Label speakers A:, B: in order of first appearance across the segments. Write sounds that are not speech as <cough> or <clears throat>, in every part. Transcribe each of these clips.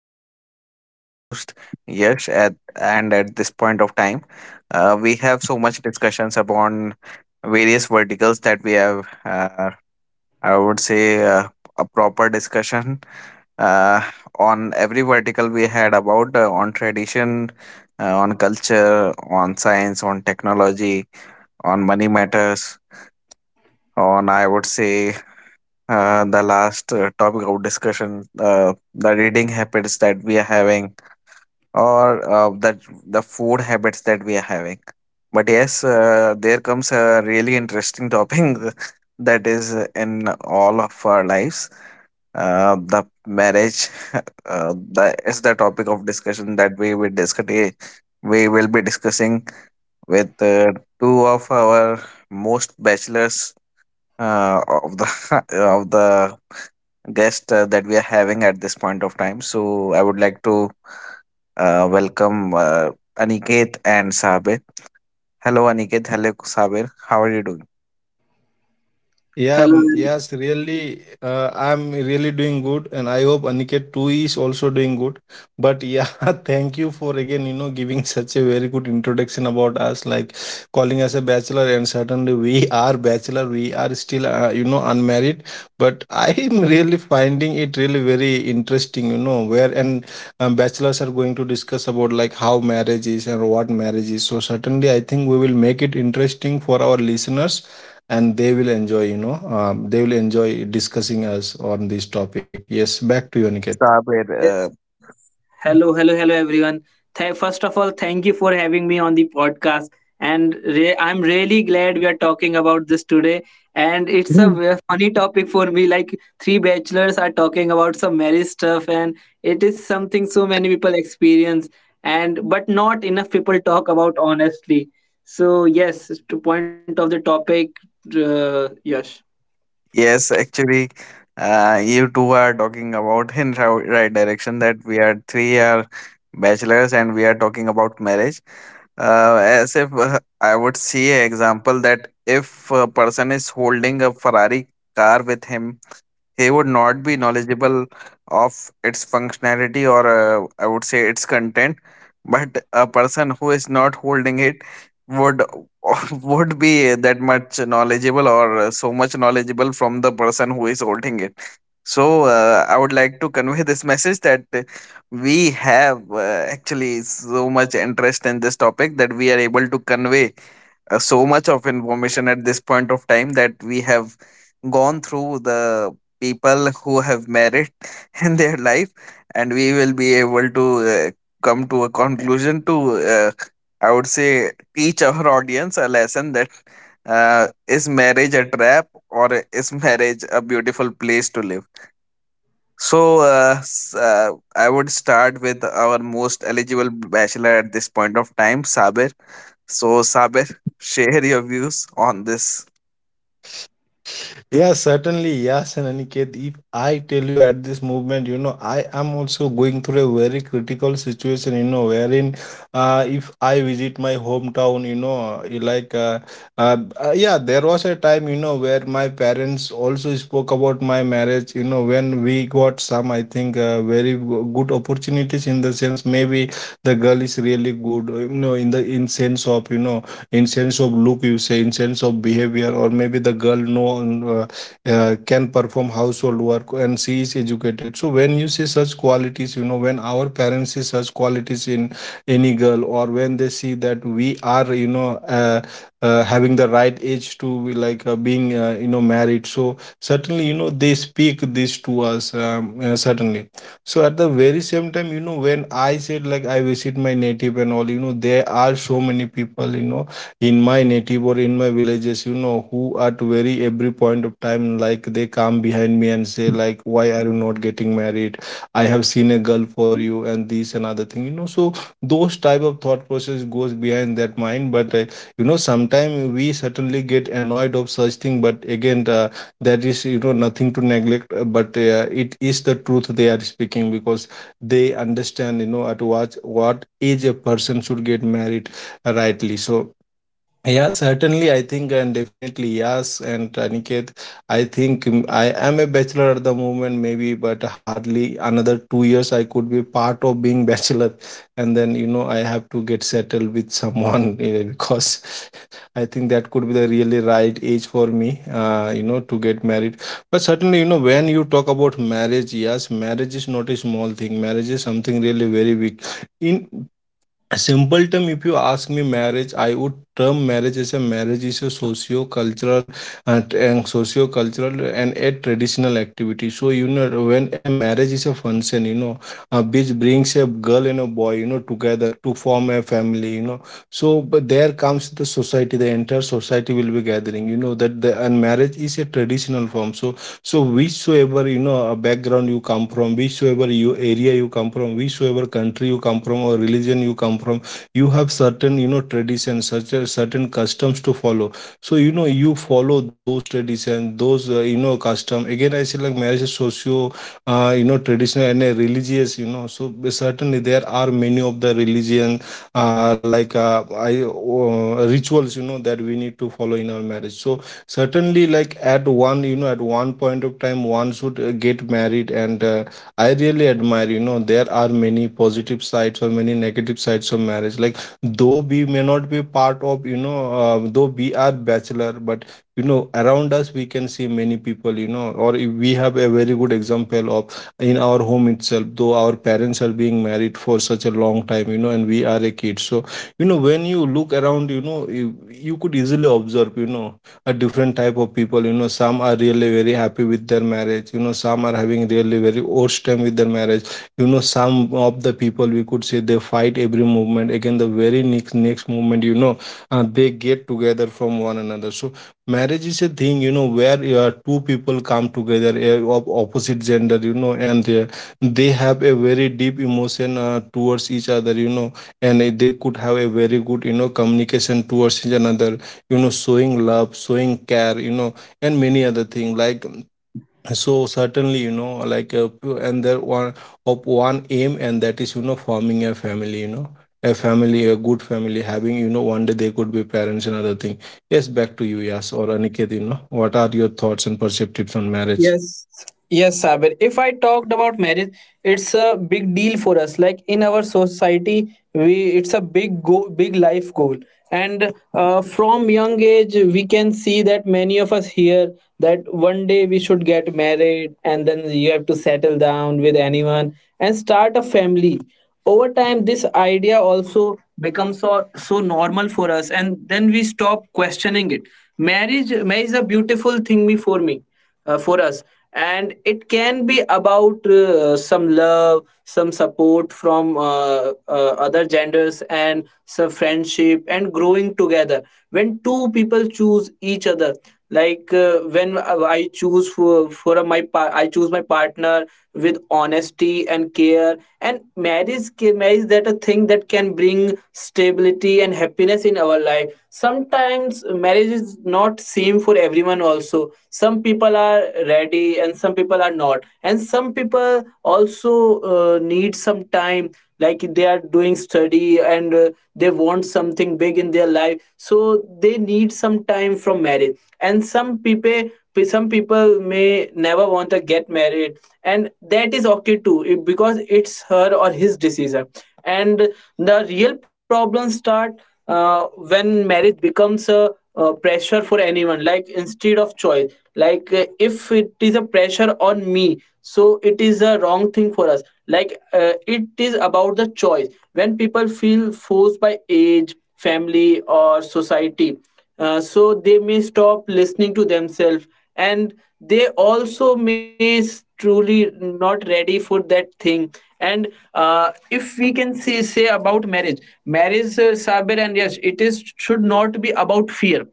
A: So this is your host Yash at and at this point of time, we have so much discussions upon various verticals that we have. I would say a proper discussion uh, on every vertical we had about on tradition, on culture, on science, on technology, on money matters, on I would say the last topic of discussion, the reading habits that we are having or that the food habits that we are having. But yes, there comes a really interesting topic <laughs> that is in all of our lives, the marriage. <laughs> That is the topic of discussion that we will be discussing with two of our most bachelors of the <laughs> of the guest that we are having at this point of time. So I would like to welcome Aniket and Sabir. Hello, Aniket. Hello, Sabir. How are you doing?
B: Yeah, mm,
C: Hello,
B: yes,
C: and-
B: really, I'm really doing good, and I hope Aniket too is also doing good. But yeah, <laughs> thank you for again, giving <laughs> such a very good introduction about us, like calling us a bachelor, and certainly we <laughs> are bachelor, we are still, unmarried. But <laughs> I am really finding it really very interesting, where and bachelors are going to discuss about like how marriage is and what marriage is. So certainly, I think we will make it interesting for our listeners and they will enjoy they will enjoy discussing us on this topic. Yes, back to you, Aniket.
A: Sabir,
C: yes, yes. Hello, everyone. First of all, thank you for having me on the podcast, and I'm really glad we are talking about this today. And it's a
A: Mm.
C: funny topic for me. Like three bachelors are talking about some marriage stuff, and it is something so many people experience, and but not enough people talk about honestly. So yes, to point of the topic, Yash.
A: Yes, actually, you two are talking about in right direction that we are three are bachelors and we are talking about marriage. As if I would see an example that if a person is holding a Ferrari car with him, he would not be knowledgeable of its functionality, or I would say its content, but a person who is not holding it would <laughs> would be that much knowledgeable, or so much knowledgeable from the person who is holding it. So I would like to convey this message that we have actually so much interest in this topic that we are able to convey so much of information at this point of time that we have gone through the people who have merit <laughs> in their life, and we will be able to uh, come to a conclusion to uh, I would say teach our audience a lesson that, is marriage a trap or is marriage a beautiful place to live? So I would start with our most eligible bachelor at this point of time, Sabir. So, Sabir, share your views on this.
B: Yeah, certainly. Yes, and Aniket, if I tell you at this moment, I am also going through a very critical situation, wherein if I visit my hometown, like, uh, yeah, there was a time, where my parents also spoke about my marriage, when we got some, I think, very good opportunities in the sense maybe the girl is really good, in the in sense of, in sense of look you say in sense of behavior, or maybe the girl know can perform household work and she is educated. So when you see such qualities, when our parents see such qualities in any girl, or when they see that we are having the right age to be like being, married, so certainly, they speak this to us. Certainly, so at the very same time, when I said, like, I visit my native and all, there are so many people, in my native or in my villages, who at very every point of time, like, they come behind me and say, like, why are you not getting married, I have seen a girl for you and this and other thing, so those type of thought process goes behind that mind. But sometimes we certainly get annoyed of such thing. But again, that is, nothing to neglect. But it is the truth they are speaking, because they understand, at what age a person should get married, rightly so. Yeah, certainly, I think, and definitely, yes. And Aniket, I think I am a bachelor at the moment, maybe, but hardly another 2 years I could be part of being <laughs> bachelor. And then, I have to get settled with someone <laughs> eh, because I think that could be the really right age for me, to get married. But certainly, when you talk about marriage, yes, marriage is not a small thing. Marriage is something really very big. In a simple term, if you ask me marriage, I would term marriage as a marriage is a socio-cultural and socio-cultural and a traditional activity. So, when a marriage is a function, which brings a girl and a boy, together to form a family, you know. So but there comes the society, the entire society will be gathering. You know that the and marriage is a traditional form. So, so whichsoever, a background you come from, whichsoever you area you come from, whichsoever country you come from or religion you come from, you have certain, traditions, such as certain customs to follow. So, you follow those traditions, those, custom. Again, I say, like, marriage is socio, traditional and a religious. You know, so certainly, there are many of the religion, like, I rituals, that we need to follow in our marriage. So certainly, like at one, at one point of time, one should get married, and I really admire, there are many positive sides or many negative sides of marriage, like, though we may not be part of, though we are bachelor, but around us we can see many people, or if we have a very good example of in our home itself, though our parents are being married for such a long time, and we are a kid. So when you look around, you, you could easily observe, a different type of people, some are really very happy with their marriage, some are having really very worst time with their marriage, some of the people, we could say, they fight every movement, again the very next movement, they get together from one another. So marriage is a thing, where two people come together, of opposite gender, and they have a very deep emotion towards each other, and they could have a very good, communication towards each another, showing love, showing care, and many other things, like so certainly, and there one of one aim, and that is, forming a family, a family, a good family, having, one day they could be parents and other thing. Yes, back to you, Yas or Aniket. You know, what are your thoughts and perspectives on marriage?
C: Yes, yes, Sabir. If I talked about marriage, it's a big deal for us. Like in our society, we it's a big go, big life goal. And from young age, we can see that many of us hear that one day we should get married, and then you have to settle down with anyone and start a family. Over time, this idea also becomes so normal for us, and then we stop questioning it. Marriage is a beautiful thing for me, for us, and it can be about some love, some support from other genders, and some friendship and growing together when two people choose each other. Like when I choose for a- my par- I choose my partner with honesty and care. And marriage, that a thing that can bring stability and happiness in our life. Sometimes marriage is not same for everyone also. Some people are ready and some people are not, and some people also need some time. Like they are doing study and they want something big in their life, so they need some time from marriage. And some people may never want to get married, and that is okay too, because it's her or his decision. And the real problem start when marriage becomes a pressure for anyone, like instead of choice. Like if it is a pressure on me, so it is a wrong thing for us. Like it is about the choice. When people feel forced by age, family, or society, so they may stop listening to themselves, and they also may truly not ready for that thing. And if we can see say about marriage, Sabir and yes it is should not be about fear.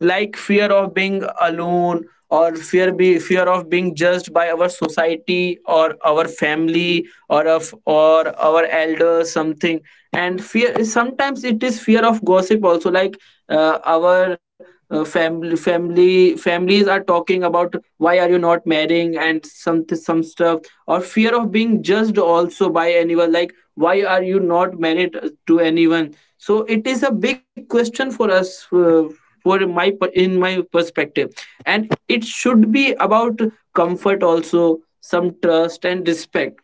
C: Like fear of being alone, or fear of being judged by our society or our family, or of or our elders, something. And fear is, sometimes it is fear of gossip also. Like our family, families are talking about why are you not marrying and some stuff. Or fear of being judged also by anyone, like why are you not married to anyone. So it is a big question for us, in my perspective. And it should be about comfort also, some trust and respect.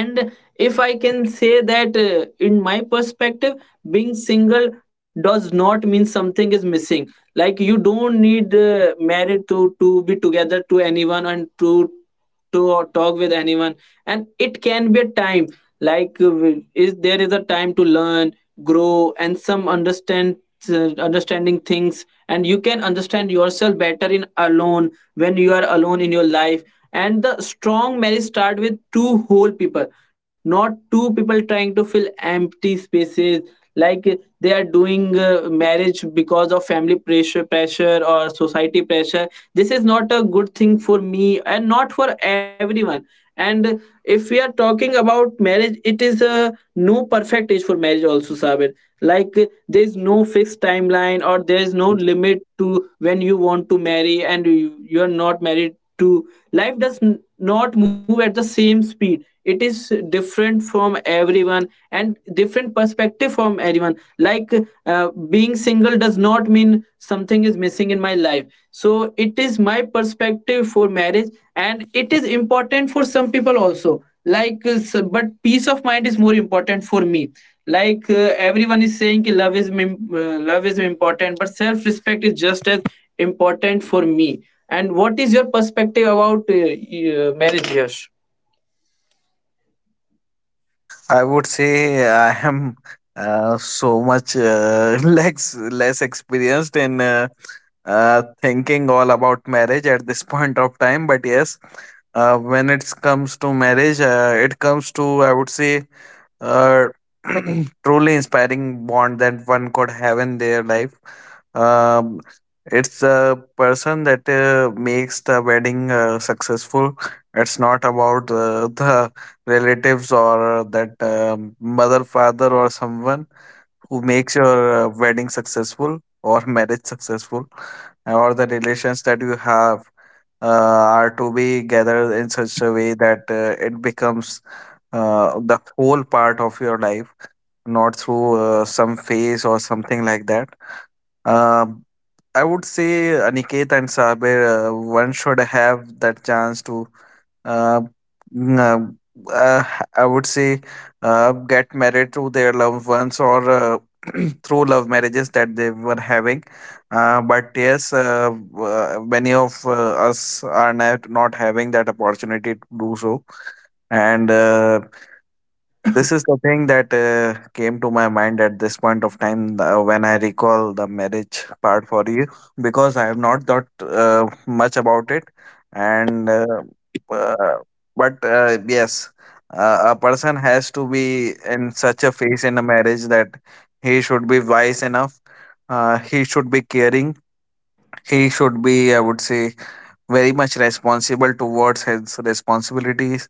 C: And if I can say that, in my perspective, being single does not mean something is missing. Like you don't need married to be together to anyone and to talk with anyone. And it can be a time. Like w- is there is a time to learn, grow, and some understand understanding things, and you can understand yourself better in alone when you are alone in your life. And the strong marriage start with two whole people, not two people trying to fill empty spaces. Like they are doing marriage because of family pressure or society pressure. This is not a good thing for me and not for everyone. And if we are talking about marriage, it is a no perfect age for marriage also, Sabir. Like there is no fixed timeline or there is no limit to when you want to marry and you are not married to. Life does not move at the same speed. It is different from everyone and different perspective from everyone. Like being single does not mean something is missing in my life. So it is my perspective for marriage, and it is important for some people also. Like, but peace of mind is more important for me. Like everyone is saying, ki love is love is important, but self respect is just as important for me. And what is your perspective about marriage, Yash?
A: I would say I am so much <laughs> less experienced in thinking all about marriage at this <laughs> point of time. But yes, when it comes to marriage, it comes to, I would say, uh, <clears throat> truly inspiring bond that one could have in their life. Um, it's a person that makes the wedding successful. It's not about the relatives or that, mother, father, or someone who makes your wedding successful or <laughs> marriage successful, or the relations that you have uh, are to be gathered in such a way that it becomes the whole part of your life, not through some phase or something like that. Uh, I would say, Aniket and Saber, one should have that chance to, uh, n- uh, uh, I would say, get married to their loved ones, or <clears throat> through love marriages that they were having. But yes, many of us are not having that opportunity to do so. And this is the thing that came to my mind at this point of time when I recall the marriage part for you, because I have not thought much about it. And uh, but yes, a person has to be in such a phase in a marriage that he should be wise enough, he should be caring, he should be, I would say, very much responsible towards his responsibilities.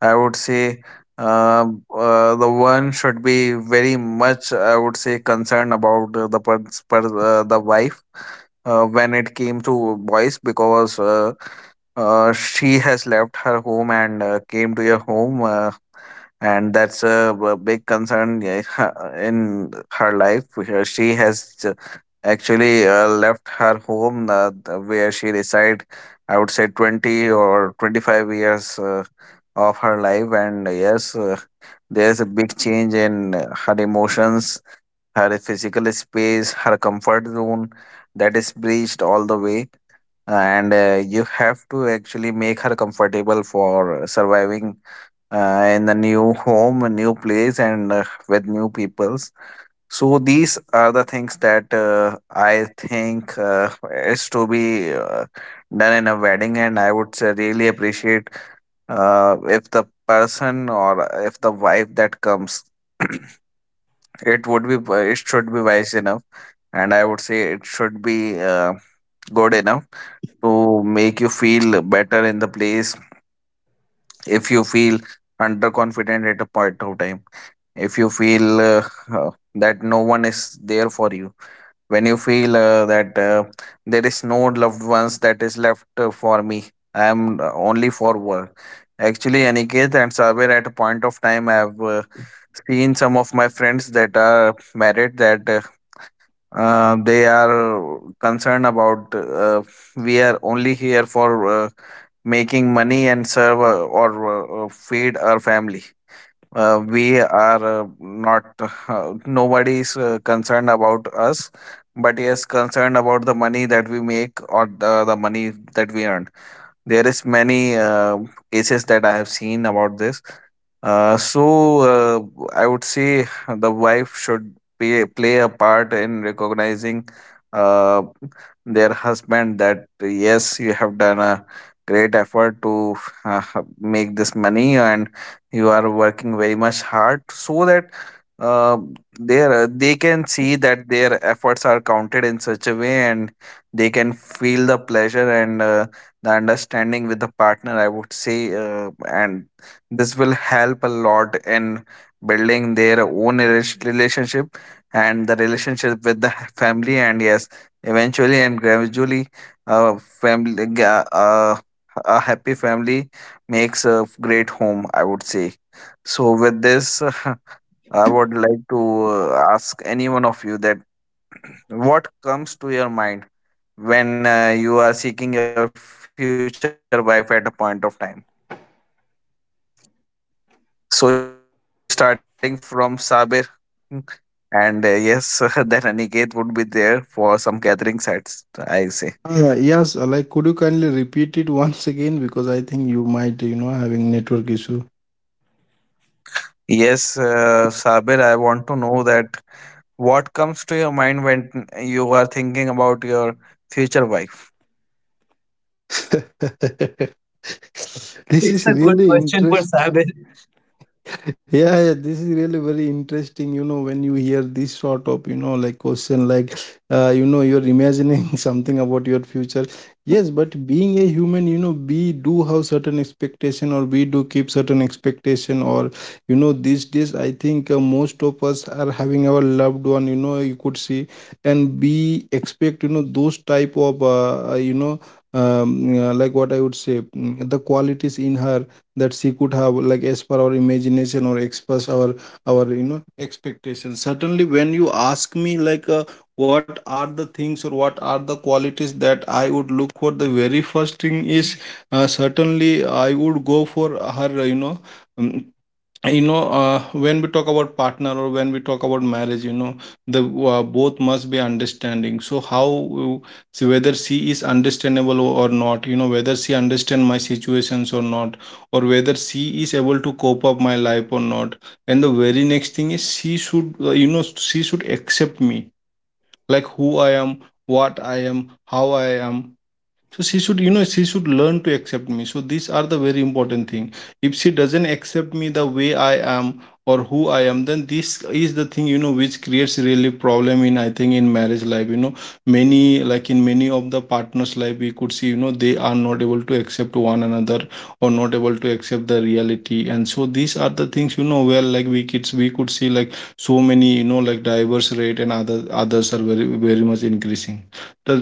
A: I would say the one should be very much, I would say, concerned about the wife when it came to boys, because she has left her home and came to your home, and that's a big concern, yeah, <laughs> in her life. She has actually left her home, where she reside, I would say, 20 or 25 years of her life. And yes, there's a big change in her emotions, her physical space, her comfort zone, that is breached all the way. And you have to actually make her comfortable for surviving in the new home, a new place, and with new peoples. So these are the things that I think is to be done in a wedding, and I would say really appreciate if the person or if the wife that comes, <clears throat> it should be wise enough, and I would say it should be good enough to make you feel better in the place. If you feel underconfident at a point of time, if you feel that no one is there for you, when you feel that there is no loved ones that is left for me, I am only for work. Actually, Aniket and Saber, at a point of time I have seen some of my friends that are married, that they are concerned about uh, we are only here for uh, making money and serve or feed our family. We are not nobody is concerned about us, but yes, concerned about the money that we make, or the money that we earn. There is many cases that I have seen about this. uh, so uh, I would say the wife should play a part in recognizing uh, their husband that, yes, you have done a great effort to uh, make this money, and you are working very much hard so that uh, their they can see that their efforts are counted in such a way, and they can feel the pleasure and the understanding with the partner, I would say. And this will help a lot in building their own relationship, and the relationship with the family. And yes, eventually and gradually, uh, family ga- uh, a happy family makes a great home, I would say. So with this, <laughs> I would like to ask any one of you that, what comes to your mind when you are seeking your future wife at a point of time? So starting from Sabir. And yes, <laughs> then Aniket would be there for some gathering sets, I say.
B: Yes, like, could you kindly repeat it once again, because I think you might, having network issue.
A: Yes, Sabir, I want to know that what comes to your mind when you are thinking about your future wife?
B: <laughs>
C: It's
B: This
C: a
B: is
C: good
B: really
C: question for Sabir.
B: interesting. Yeah, yeah, this is really very interesting, when you hear this sort of, like, question, like you're imagining <laughs> something about your future. Yes, but being a human, we do have certain expectation, or we do keep certain expectation, or these days I think, most of us are having our loved one, you could see. And we expect, those type of, like, what I would say, mm, the qualities in her that she could have, like as per our imagination, or express our, expectations. Certainly, when you ask me, like, what are the things, or what are the qualities that I would look for, the very first thing is, certainly, I would go for her, um, when we talk about partner, or when we talk about marriage, the, both must be understanding. So how you- see whether she is understandable or not, whether she understand my situations or not, or whether she is able to cope up my life or not. And the very next thing is, she should, she should accept me, like who I am, what I am, how I am. So she should, she should learn to accept me. So these are the very important thing. If she doesn't accept me the way I am, or who I am, then this is the thing, which creates really problem in, I think, in marriage life, many, like, in many of the partners life we could see, they are not able to accept one another, or not able to accept the reality. And so these are the things, where, like, we kids, we could see, like, so many, like, diverse rate and other others are very very much increasing. The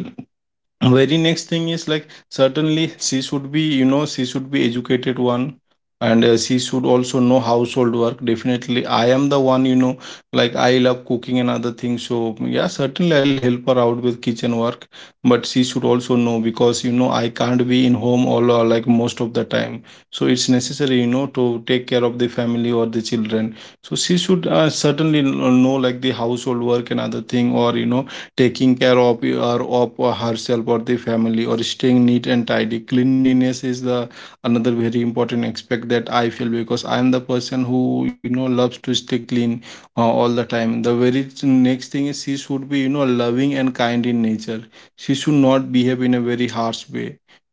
B: very next thing is, like, certainly she should be, she should be educated one. And she should also know household work. Definitely, I am the one, like, I love cooking and other things. So yeah, certainly, I'll help her out with kitchen work. But she should also know, because I can't be in home all, or like, most of the time. So it's necessary, to take care of the family or the children. So she should, certainly know, like, the household work and other thing, or, taking care of, or of herself, or the family, or staying neat and tidy. Cleanliness is the another very important aspect that I feel, because I am the person who, loves to stay clean all the time. The very next thing is, she should be, loving and kind in nature. She should not behave in a very harsh way.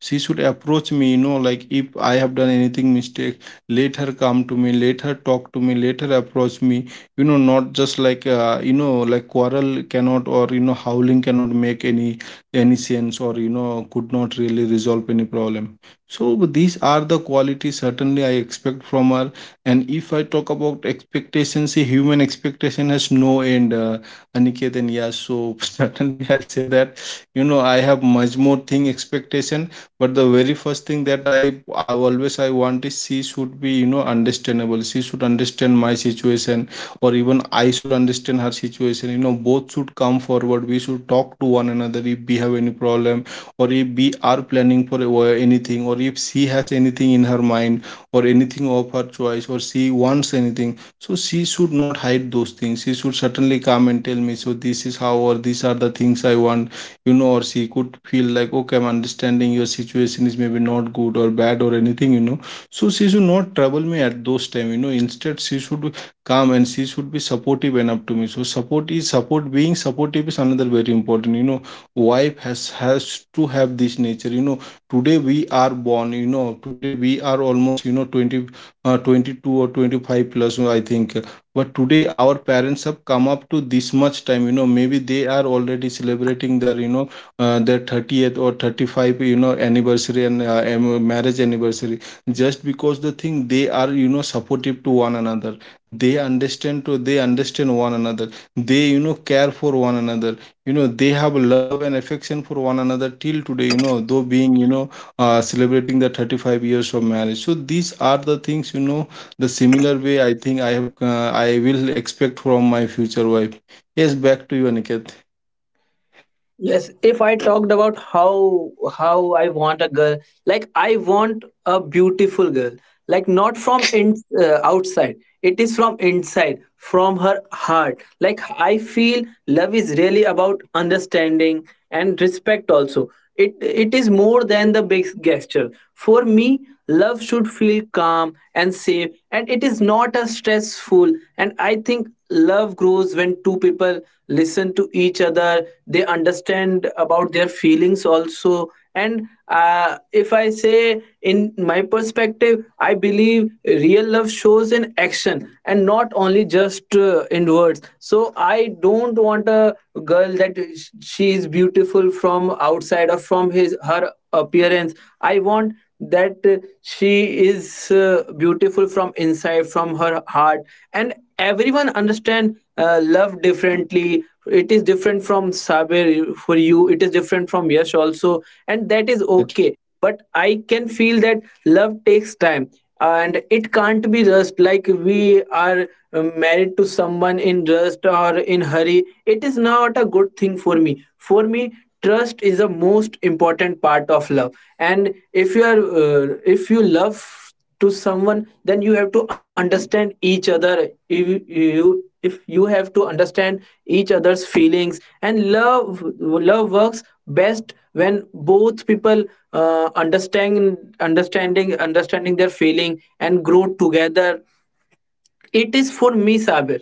B: She should approach me, like, if I have done anything mistake, let her come to me, let her talk to me, let her approach me, not just like Like, quarrel cannot, or howling cannot make any sense, or could not really resolve any problem. So these are the qualities certainly I expect from her. And if I talk about expectations, see, human expectation has no end, Aniket. And yeah, so <laughs> certainly I'll say that I have much more thing expectation. But the very first thing that I always I want is she should be, understandable. She should understand my situation, or even I should understand her situation. Both should come forward, we should talk to one another if we have any problem, or if we are planning for anything, or if she has anything in her mind, or anything of her choice, or she wants anything. So she should not hide those things, she should certainly come and tell me. So this is how, or these are the things I want. Or she could feel like, okay, I'm understanding your situation is maybe not good or bad or anything, so she should not trouble me at those time. Instead, she should calm, and she should be supportive enough to me. So support is support, being supportive is another very important, wife has to have this nature, today we are born. Today we are almost, 20, 22 or 25 plus, I think. But today our parents have come up to this much time, maybe they are already celebrating their, their 30th or 35, anniversary, and marriage anniversary. Just because the thing, they are, supportive to one another, they understand to they understand one another, they care for one another. They have love and affection for one another till today. Though being, celebrating the 35 years of marriage. So these are the things, the similar way, I think I have I will expect from my future wife. Yes, back to you, Aniket.
C: Yes, if I talked about how I want a girl, like I want a beautiful girl, like not from outside. It is from inside, from her heart. Like I feel love is really about understanding and respect also. It is more than the big gesture. For me, love should feel calm and safe, and it is not as stressful. And I think love grows when two people listen to each other, they understand about their feelings also. And if I say in my perspective, I believe real love shows in action and not only just in words. So I don't want a girl that she is beautiful from outside or from his her appearance. I want that she is beautiful from inside, from her heart. And everyone understand love differently. It is different from Saber, for you it is different from Yash also, and that is okay. But I can feel that love takes time and it can't be rushed. Like we are married to someone in rust or in hurry, it is not a good thing for me. For me, trust is the most important part of love. And if you are if you love to someone, then you have to understand each other. If you if you have to understand each other's feelings. And love works best when both people uh, understand understanding their feeling and grow together. It is for me, Sabir.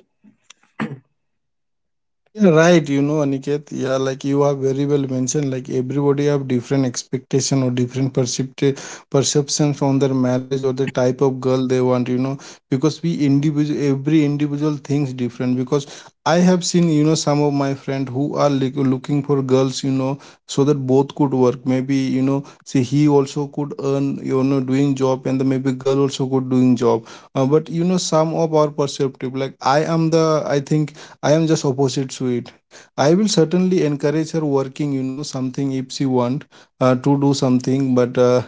B: Yeah, right. You know, Aniket, yeah, like you have very well mentioned, like everybody have different expectation or different perceptions on their marriage or the type of girl they want, you know, because we individual, every individual thinks different. Because I have seen, you know, some of my friend who are like looking for girls, you know, so that both could work. Maybe, you know, see, he also could earn, you know, doing job, and the maybe girl also could doing job. But, you know, some of our perceptive, like I am the, I think I am just opposite to it. I will certainly encourage her working, you know, something if she want to do something. But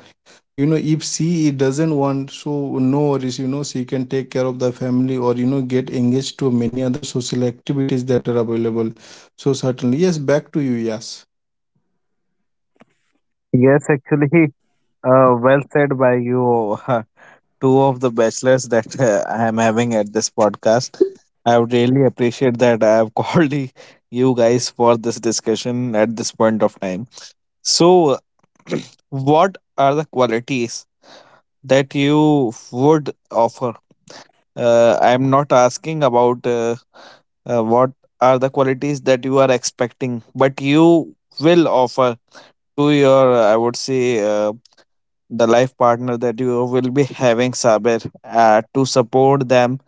B: you know, if she doesn't want, so no worries, you know, she can take care of the family, or you know, get engaged to many other social activities that available. So certainly, yes. Back to you, yes.
A: Yes, actually, <laughs> well said by you. <laughs> Two of the bachelors that I am having at this podcast. I would really appreciate that I have <laughs> called you guys for this discussion at this point of time. So, <clears throat> what the qualities that you would offer. I'm not asking about what are the qualities that you are expecting, but you will offer to your, I would say, the life partner that you will be having, Saber, to support them.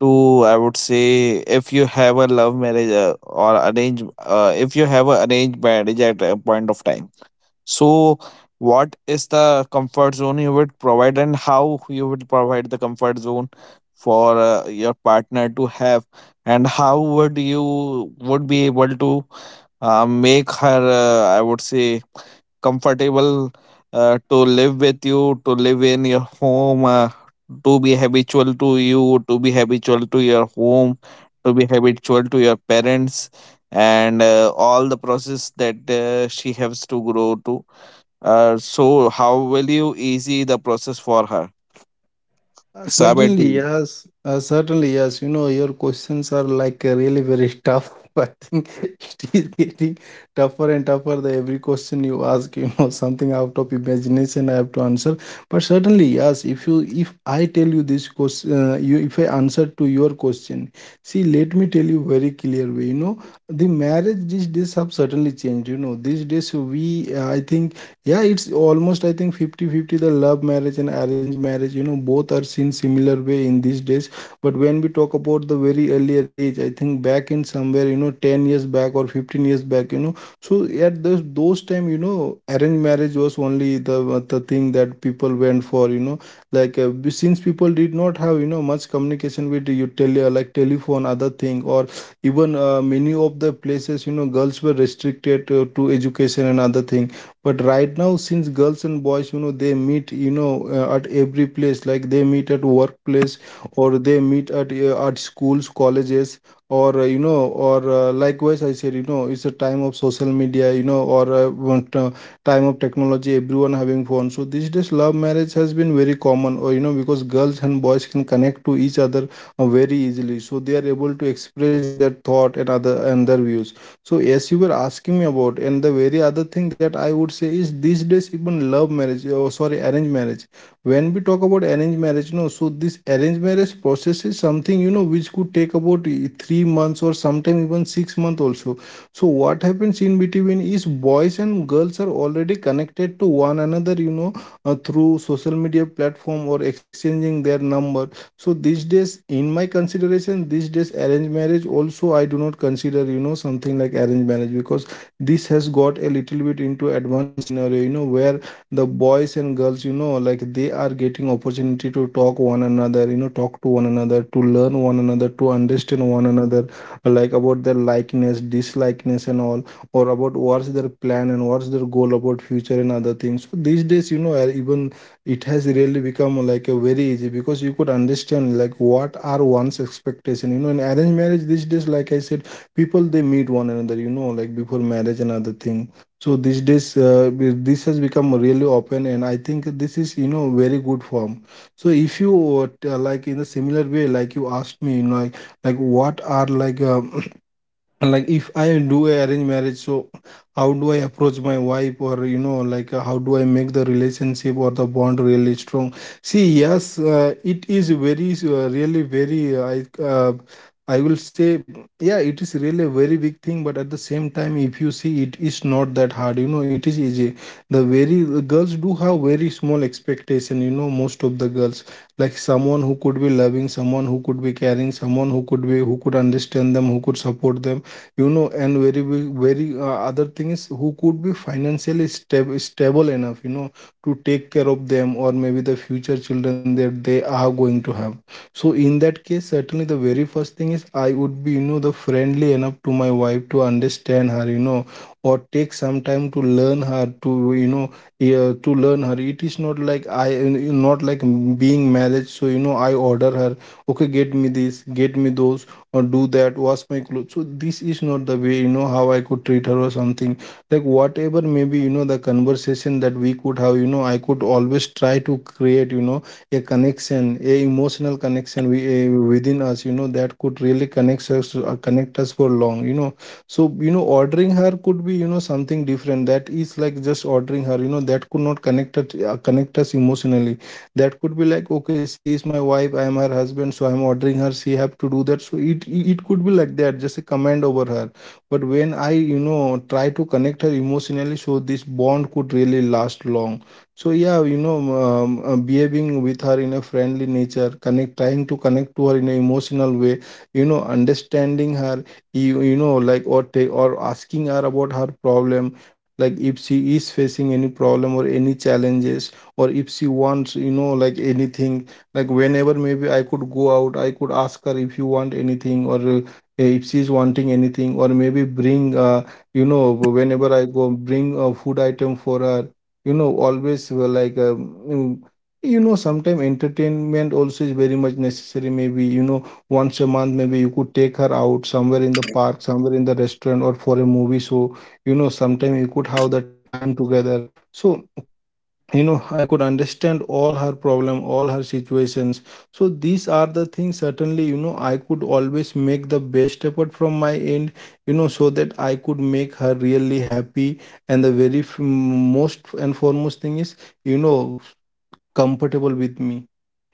A: To, I would say, if you have a love marriage, if you have a arranged marriage at a point of time. So, what is the comfort zone you would provide, and how you would provide the comfort zone for your partner to have, and how would you would be able to make her, I would say, comfortable to live with you, to live in your home, to be habitual to you, to be habitual to your home, to be habitual to your parents, and all the process that she has to grow to. So how will you easy the process for her? Sabe to,
B: Certainly, yes. You know, your questions are like really very tough. <laughs> I think it is getting tougher and tougher. The every question you ask, you know, something out of imagination I have to answer. But certainly, yes. If I tell you this question, if I answer to your question, see, let me tell you very clear way. You know, the marriage these days have certainly changed. You know, these days we, I think yeah, it's almost, I think 50-50. The love marriage and arranged marriage, you know, both are seen similar way in these days. But when we talk about the very earlier age, I think back in somewhere, you know, 10 years back or 15 years back, you know, so at those time, you know, arranged marriage was only the thing that people went for, you know. Like, since people did not have, you know, much communication with you tele, like telephone other thing, or even, many of the places, you know, girls were restricted to education and other thing. But right now, since girls and boys, you know, they meet, you know, at every place, like they meet at workplace, or they meet at schools, colleges, or likewise I said, you know, it's a time of social media, you know, or time of technology, everyone having phone. So these days love marriage has been very common, or, you know, because girls and boys can connect to each other very easily, so they are able to express their thought and other, and their views. So as you were asking me about, and the very other thing that I would say is these days even love marriage, oh sorry, arranged marriage. When we talk about arranged marriage, no, so this arranged marriage process is something, you know, which could take about 3 months, or sometime even 6 months also. So what happens in between is boys and girls are already connected to one another, you know, through social media platform, or exchanging their number. So these days, in my consideration, these days arranged marriage also I do not consider, you know, something like arranged marriage, because this has got a little bit into advanced scenario, you know, where the boys and girls, you know, like they are getting opportunity to talk one another, you know, talk to one another, to learn one another, to understand one another, like about their likeness, dislikeness and all, or about what's their plan and what's their goal about future and other things. So these days, you know, even it has really become like a very easy, because you could understand like what are one's expectation, you know, in arranged marriage these days, like I said, people they meet one another, you know, like before marriage and other thing. So these days, this has become really open, and I think this is, you know, very good form. So if you like in a similar way, like you asked me, you know, like what are like and, like if I do a arranged marriage, so how do I approach my wife, or you know, like how do I make the relationship or the bond really strong? See, yes, it is very really very I I will say, yeah, it is really a very big thing, but at the same time, if you see, it is not that hard. You know, it is easy. The very, the girls do have very small expectation. You know, most of the girls, like someone who could be loving, someone who could be caring, someone who could be, who could understand them, who could support them, you know. And very very other thing is who could be financially stable enough, you know, to take care of them, or maybe the future children that they are going to have. So in that case, certainly the very first thing is I would be, you know, the friendly enough to my wife, to understand her, you know, or take some time to learn her, to you know, yeah, to learn her. It is not like I, eh, not like being married, so you know, I order her, okay, get me this, get me those, or do that, wash my clothes. So this is not the way, you know, how I could treat her or something. Like whatever maybe, you know, the conversation that we could have, you know, I could always try to create, you know, a connection, a emotional connection within us, you know, that could really connect us for long, you know. So you know, ordering her could be, you know, something different, that is like just ordering her, you know, that could not connect us emotionally. That could be like, okay, she is my wife, I am her husband, so I'm ordering her, she have to do that. So it could be like that, just a command over her. But when I, you know, try to connect her emotionally, so this bond could really last long. So yeah, you know, behaving with her in a friendly nature, connect trying to connect to her in an emotional way, you know, understanding her, you know, like, or take, or asking her about her problem, like if she is facing any problem or any challenges, or if she wants, you know, like anything. Like whenever maybe I could go out, I could ask her, if you want anything, or if she's wanting anything, or maybe bring, you know, whenever I go, bring a food item for Her, you know, always you know sometimes entertainment also is very much necessary. Maybe, you know, once a month maybe you could take her out somewhere in the park, somewhere in the restaurant, or for a movie. So you know sometimes you could have the time together. So you know I could understand all her problem, all her situations. So these are the things, certainly, you know, I could always make the best effort from my end, you know, so that I could make her really happy. And the very most and foremost thing is, you know, comfortable with me.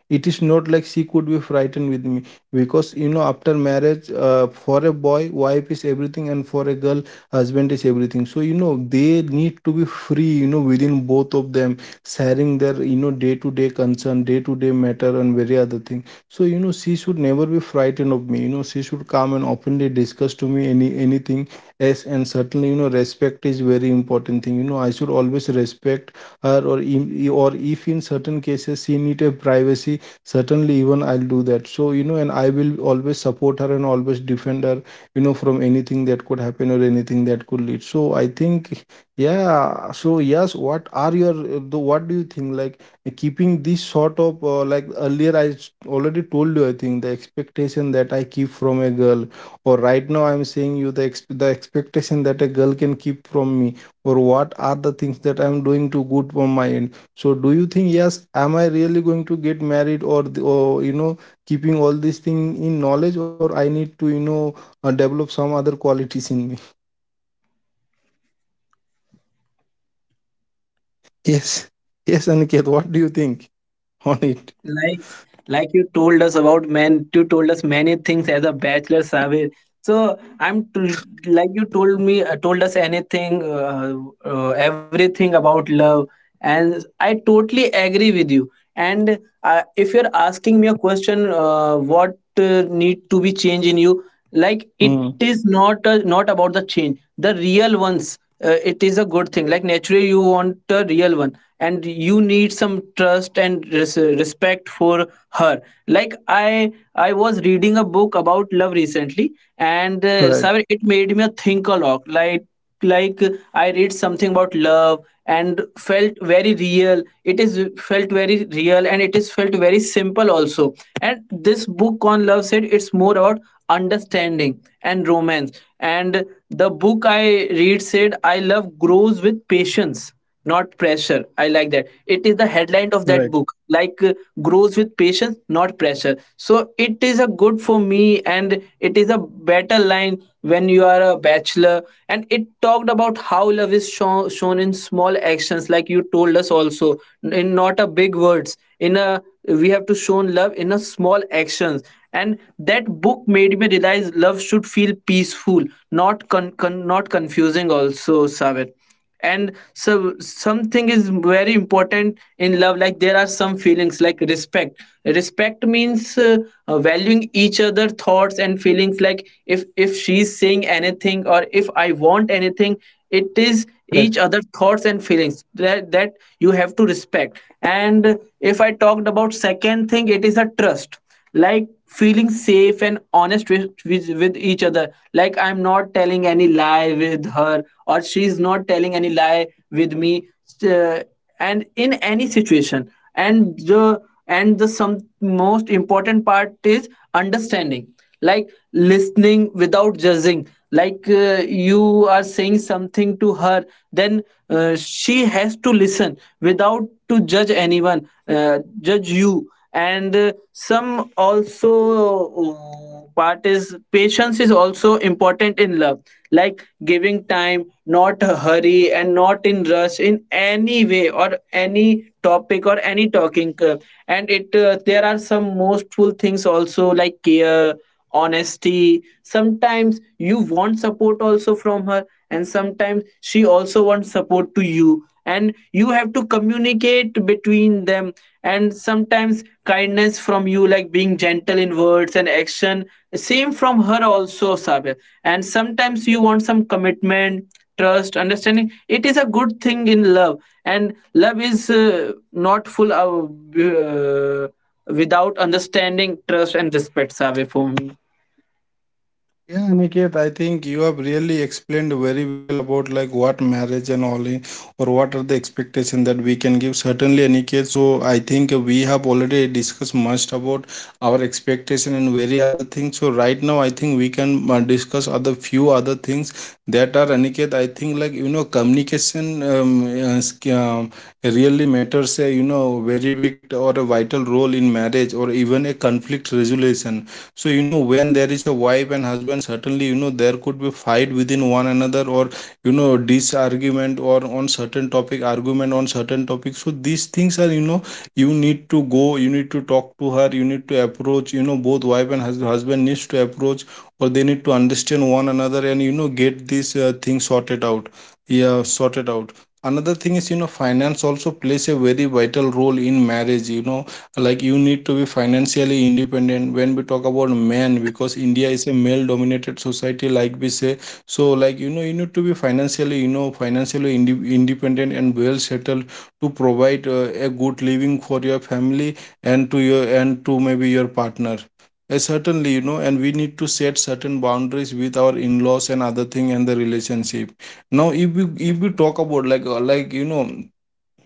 B: It is not like she could be frightened with me. Because you know, after marriage, for a boy wife is everything, and for a girl husband is everything. You know they need to be free, you know, within both of them, sharing their, you know, day to day concern, day to day matter and very other thing. So you know she should never be frightened of me. You know she should come and openly discuss to me anything. Yes, and certainly, you know, respect is very important thing. You know I should always respect her, or or if in certain cases she need a privacy, certainly even I'll do that. So you know, and I will always support her and always defend her, you know, from anything that could happen or anything that could lead. So I think, yeah. So yes, what are your, the what do you think, like, keeping this sort of like, earlier I already told you, I think the expectation that I keep from a girl, or right now I'm saying you the the expectation that a girl can keep from me, or what are the things that I am doing to good for my end. So do you think, yes, am I really going to get married? Or, or, you know, keeping all these things in knowledge, or I need to, you know, develop some other qualities in me. <laughs> Yes. Yes, Aniket, what do you think on it?
C: like like you told us about man you told us many things as a bachelor, Saber. So like you told me told us anything, everything about love, and I totally agree with you. And if you're asking me a question, what need to be changed in you, like it
B: Hmm.
C: is not a, not about the change the real ones. It is a good thing. Like naturally you want a real one, and you need some trust and respect for her. Like I was reading a book about love recently, and
B: Right.
C: Saber, it made me think a lot. Like I read something about love and felt very real. It is felt very real and it is felt very simple also. And this book on love said it's more about understanding and romance. And the book I read said, I love grows with patience, not pressure. I like that, it is the headline of that
B: Right.
C: book. Like grows with patience, not pressure. So it is a good for me, and it is a better line when you are a bachelor. And it talked about how love is shown in small actions, like you told us also, in not a big words. In a, we have to shown love in a small actions. And that book made me realize love should feel peaceful, not con, con not confusing also, Sabir. And so something is very important in love. Like there are some feelings like respect. Respect means valuing each other thoughts and feelings. Like if she's saying anything or if I want anything, it is each
B: Right.
C: other thoughts and feelings that you have to respect. And if I talked about second thing, it is a trust. Like feeling safe and honest with each other. Like I'm not telling any lie with her, or she's not telling any lie with me, uh, and in any situation. And the and the some most important part is understanding. Like listening without judging. Like you are saying something to her, then she has to listen without to judge anyone, judge you. And some also part is patience is also important in love. Like giving time, not hurry and not in rush in any way or any topic or any talking. And it there are some mostful things also, like care, honesty. Sometimes you want support also from her, and sometimes she also wants support to you, and you have to communicate between them. And sometimes kindness from you, like being gentle in words and action, same from her also, Sabir. And sometimes you want some commitment, trust, understanding. It is a good thing in love. And love is not full of uh, without understanding, trust, and respect, Sabir, for me.
B: Yeah, Aniket, I think you have really explained very well about like what marriage and all or what are the expectation that we can give. Certainly, Aniket. So I think we have already discussed much about our expectation and very other things. So right now, I think we can discuss other few other things that are Aniket. I think, like, you know, communication um, uh, sk- um, really matters. A, you know, very big or a vital role in marriage or even a conflict resolution. So you know when there is a wife and husband, certainly, you know, there could be fight within one another, or you know, disargument, or on certain topic, argument on certain topic. So these things are, you know, you need to go, you need to talk to her, you need to approach, you know, both wife and husband needs to approach, or they need to understand one another, and you know, get this things sorted out. Yeah, sorted out. Another thing is, you know, finance also plays a very vital role in marriage. You know, like you need to be financially independent when we talk about men, because India is a male dominated society, like we say. So like, you know, you need to be financially, you know, financially independent and well settled to provide a good living for your family, and to your, and to maybe your partner. Certainly, you know, and we need to set certain boundaries with our in-laws and other thing and the relationship. Now if we talk about, like, like, you know,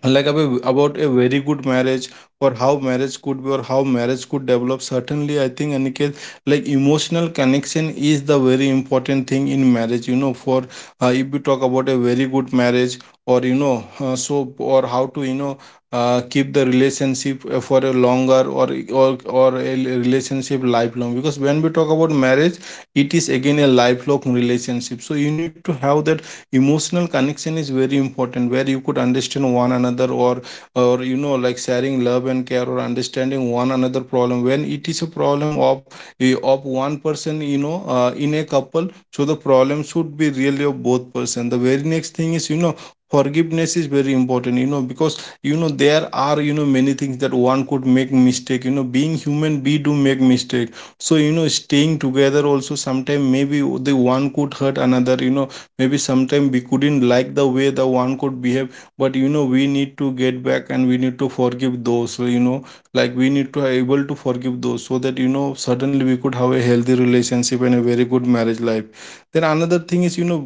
B: like about a very good marriage, or how marriage could be, or how marriage could develop, certainly I think, Aniket, like emotional connection is the very important thing in marriage, you know. For if we talk about a very good marriage, or you know, so, or how to, you know, keep the relationship for a longer, or a relationship lifelong, because when we talk about marriage, it is again a lifelong relationship. So you need to have that. Emotional connection is very important where you could understand one another, or you know, like sharing love and care, or understanding one another problem. When it is a problem of of one person, you know, in a couple, so the problem should be really of both person. The very next thing is, you know, forgiveness is very important, you know, because you know, there are, you know, many things that one could make mistake. You know being human, we do make mistake. So you know, staying together also, sometimes maybe the one could hurt another, you know. Maybe sometime we couldn't like the way the one could behave. But you know, we need to get back, and we need to forgive those, you know, like we need to able to forgive those, so that you know, suddenly we could have a healthy relationship and a very good marriage life. Then another thing is, you know,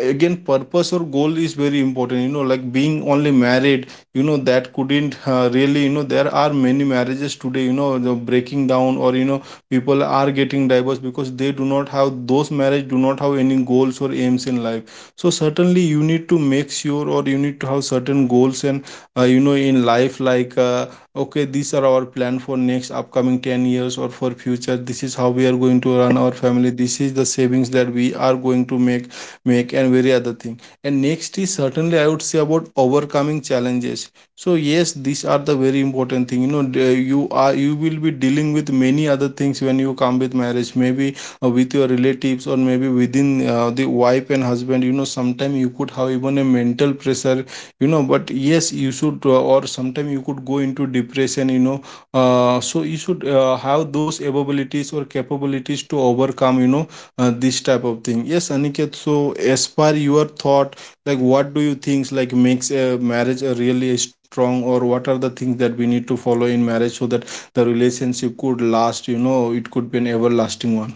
B: again, purpose or goal is very important, you know, like being only married, you know, that couldn't really, you know, there are many marriages today, you know, the breaking down, or you know, people are getting divorced because they do not have those marriage, do not have any goals or aims in life. So certainly you need to make sure, or you need to have certain goals and you know, in life, like, okay, these are our plan for next upcoming 10 years or for future. This is how we are going to run our family. This is the savings that we are going to make and very other thing. And next is, certainly, I would say about overcoming challenges. So yes, these are the very important thing. You know you are, you will be dealing with many other things when you come with marriage. Maybe with your relatives, or maybe within the wife and husband, you know, sometime you could have even a mental pressure, you know. But yes, you should or sometime you could go into depression, you know, so you should have those abilities or capabilities to overcome, you know, this type of thing. Yes, Aniket, so as per your thought, like what do you think, like, makes a marriage a really strong, or what are the things that we need to follow in marriage so that the relationship could last, you know, it could be an everlasting one.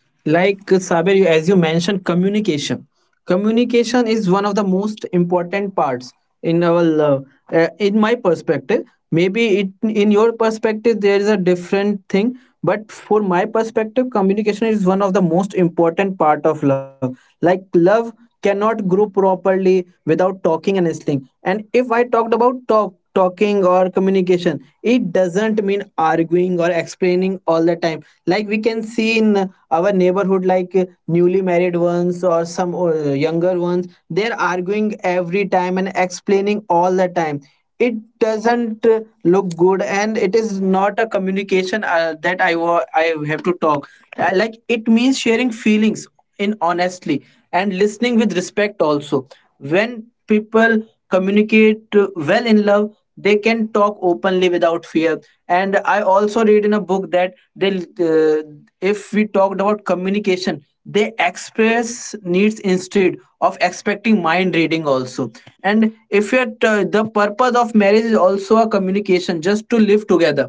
C: Like Saber, you- as you mentioned, communication. Communication is one of the most important parts in our, uh, in my perspective. Maybe it in your perspective there is a different thing, but for my perspective, communication is one of the most important part of love. Like love cannot grow properly without talking and listening. And if I talked about talk, talking or communication, it doesn't mean arguing or explaining all the time, like we can see in our neighborhood, like newly married ones or some younger ones. They're arguing every time and explaining all the time. It doesn't look good, and it is not a communication that I have to talk. Like it means sharing feelings in honestly and listening with respect also. When people communicate well in love, they can talk openly without fear. And I also read in a book that they if we talked about communication, they express needs instead of expecting mind reading also. And if you're t- the purpose of marriage is also a communication, just to live together,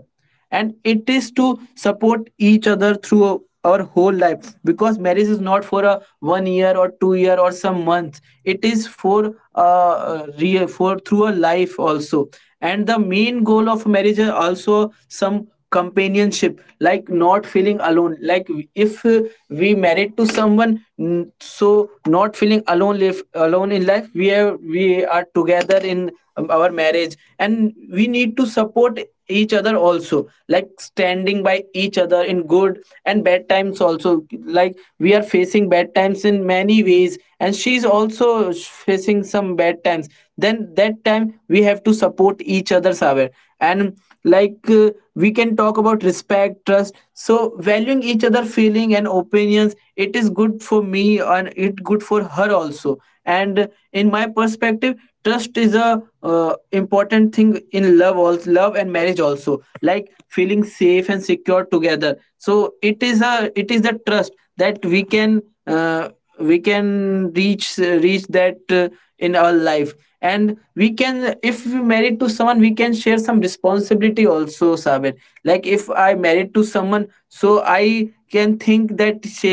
C: and it is to support each other through our whole life, because marriage is not for a 1 year or 2 year or some months, it is for real, for through a life also. And the main goal of marriage is also some companionship, like not feeling alone. Like if we married to someone, so not feeling alone, live alone in life. We are together in our marriage, and we need to support each other also, like standing by each other in good and bad times also. Like we are facing bad times in many ways, and she's also facing some bad times. Then that time we have to support each other, Saber. And like we can talk about respect, trust, so valuing each other feeling and opinions. It is good for me and it good for her also. And in my perspective, trust is a important thing in love also, love and marriage also, like feeling safe and secure together. So it is a, it is the trust that uh, we can reach that in our life. And we can, if we married to someone, we can share some responsibility also, Sabir. Like if I married to someone, so I can think that she,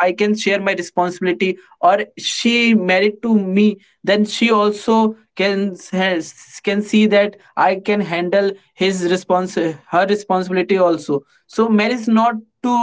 C: I can share my responsibility. Or she married to me, then she also can has, can see that I can handle his response, her responsibility also. So marriage not to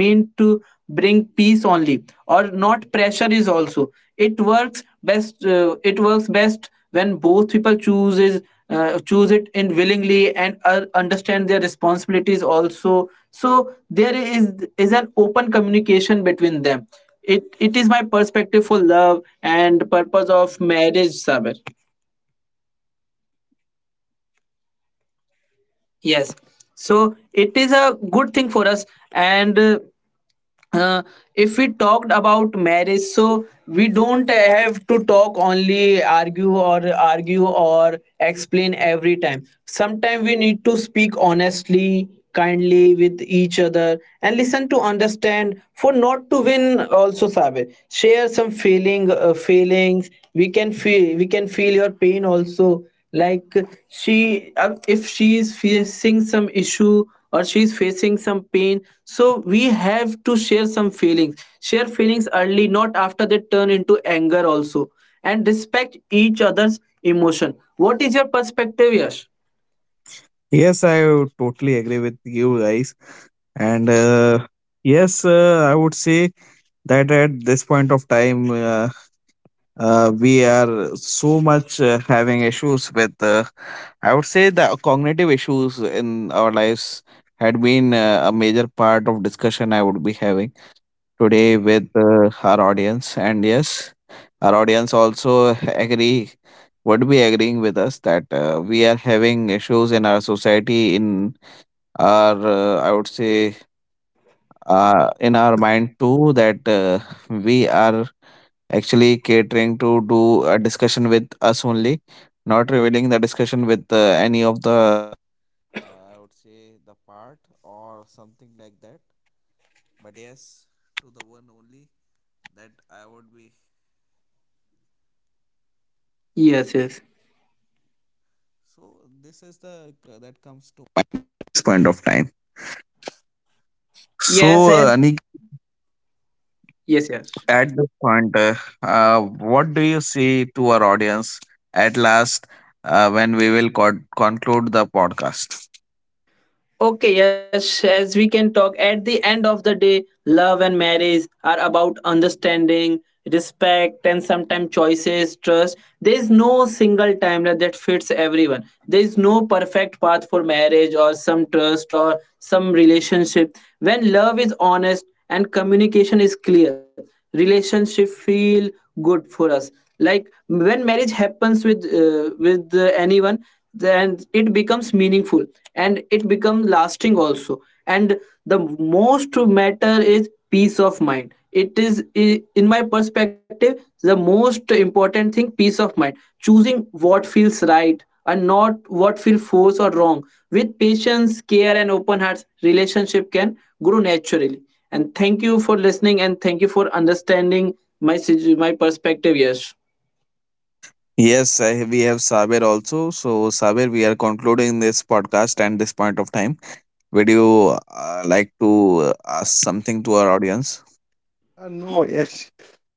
C: mean to bring peace only or not pressure is also. It works best, it works best when both people choose is, choose it in willingly and understand their responsibilities also, so there is an open communication between them. It is my perspective for love and purpose of marriage, Saber. Yes. So it is a good thing for us. And uh, if we talked about marriage, so we don't have to talk, only argue, or argue or explain every time. Sometimes we need to speak honestly, kindly with each other and listen to understand, for not to win also, Sabe. Share some feelings. We can feel your pain also. Like she if she is facing some issue or she is facing some pain, so we have to share some feelings, share feelings early, not after they turn into anger also. And respect each other's emotion. What is your perspective, Yash?
A: yes, I would totally agree with you guys. And yes, I would say that at this point of time, we are so much having issues with, I would say, the cognitive issues in our lives had been a major part of discussion I would be having today with our audience. And yes, our audience also agree would be agreeing with us that we are having issues in our society, in are, I would say, in our mind too, that we are actually catering to do a discussion with us only, not revealing the discussion with any of the.
C: Yes, yes. Yes.
A: So,
C: And
A: Anik,
C: yes, yes.
A: at this point, what do you say to our audience at last, when we will conclude the podcast?
C: Okay, yes, as we can talk, at the end of the day, love and marriage are about understanding, respect, and sometimes choices, trust. There is no single timeline that fits everyone. There is no perfect path for marriage or some trust or some relationship. When love is honest and communication is clear, relationship feel good for us. Like when marriage happens with anyone, then it becomes meaningful and it becomes lasting also. And the most matter is peace of mind. It is, in my perspective, the most important thing, peace of mind, choosing what feels right and not what feels forced or wrong. With patience, care, and open hearts, relationship can grow naturally. And thank you for listening, and thank you for understanding my my perspective. Yes.
A: Yes, I, we have Saber also. So, Saber, we are concluding this podcast and this point of time. Would you like to ask something to our audience?
B: Ah, não, é,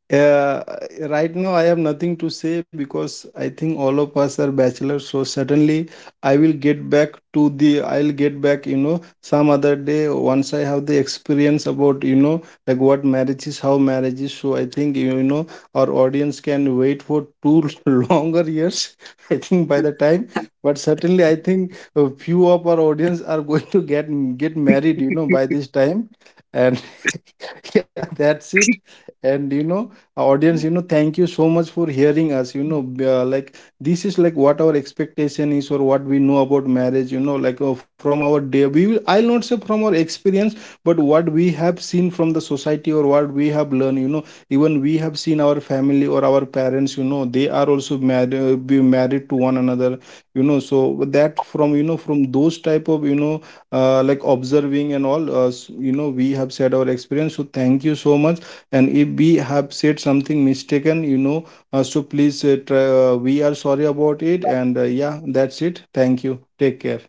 B: Uh, right now, I have nothing to say because I think all of us are bachelors. So certainly I will get back to the. I'll get back, you know, some other day once I have the experience about, you know, like what marriage is, how marriage is. So I think you know our audience can wait for two <laughs> longer years. I think by the time, but certainly I think a few of our audience are going to get married, you know, by this time, and <laughs> yeah, that's it. And you know, our audience, you know, thank you so much for hearing us, you know, like, this is like what our expectation is, or what we know about marriage, you know, like, from our day, we will, I'll not say from our experience, but what we have seen from the society, or what we have learned, you know, even we have seen our family or our parents, you know, they are also married, be married to one another, you know, so that, from you know, from those type of, you know, like observing and all, you know we have said our experience. So thank you so much. And if we have said something mistaken, you know, so please, we are sorry about it. And yeah, that's it. Thank you, take care.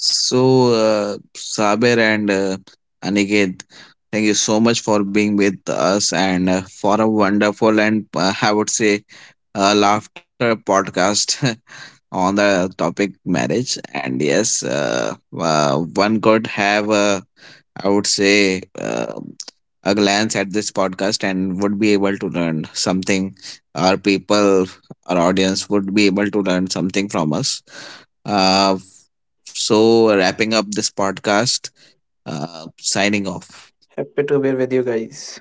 A: So, Saber and Aniket, thank you so much for being with us and for a wonderful and, I would say, laughter podcast <laughs> on the topic marriage. And yes, one could have a, I would say, a glance at this podcast, and would be able to learn something. Our people, our audience would be able to learn something from us. Uh, so, wrapping up this podcast, signing off.
C: Happy to be with you guys.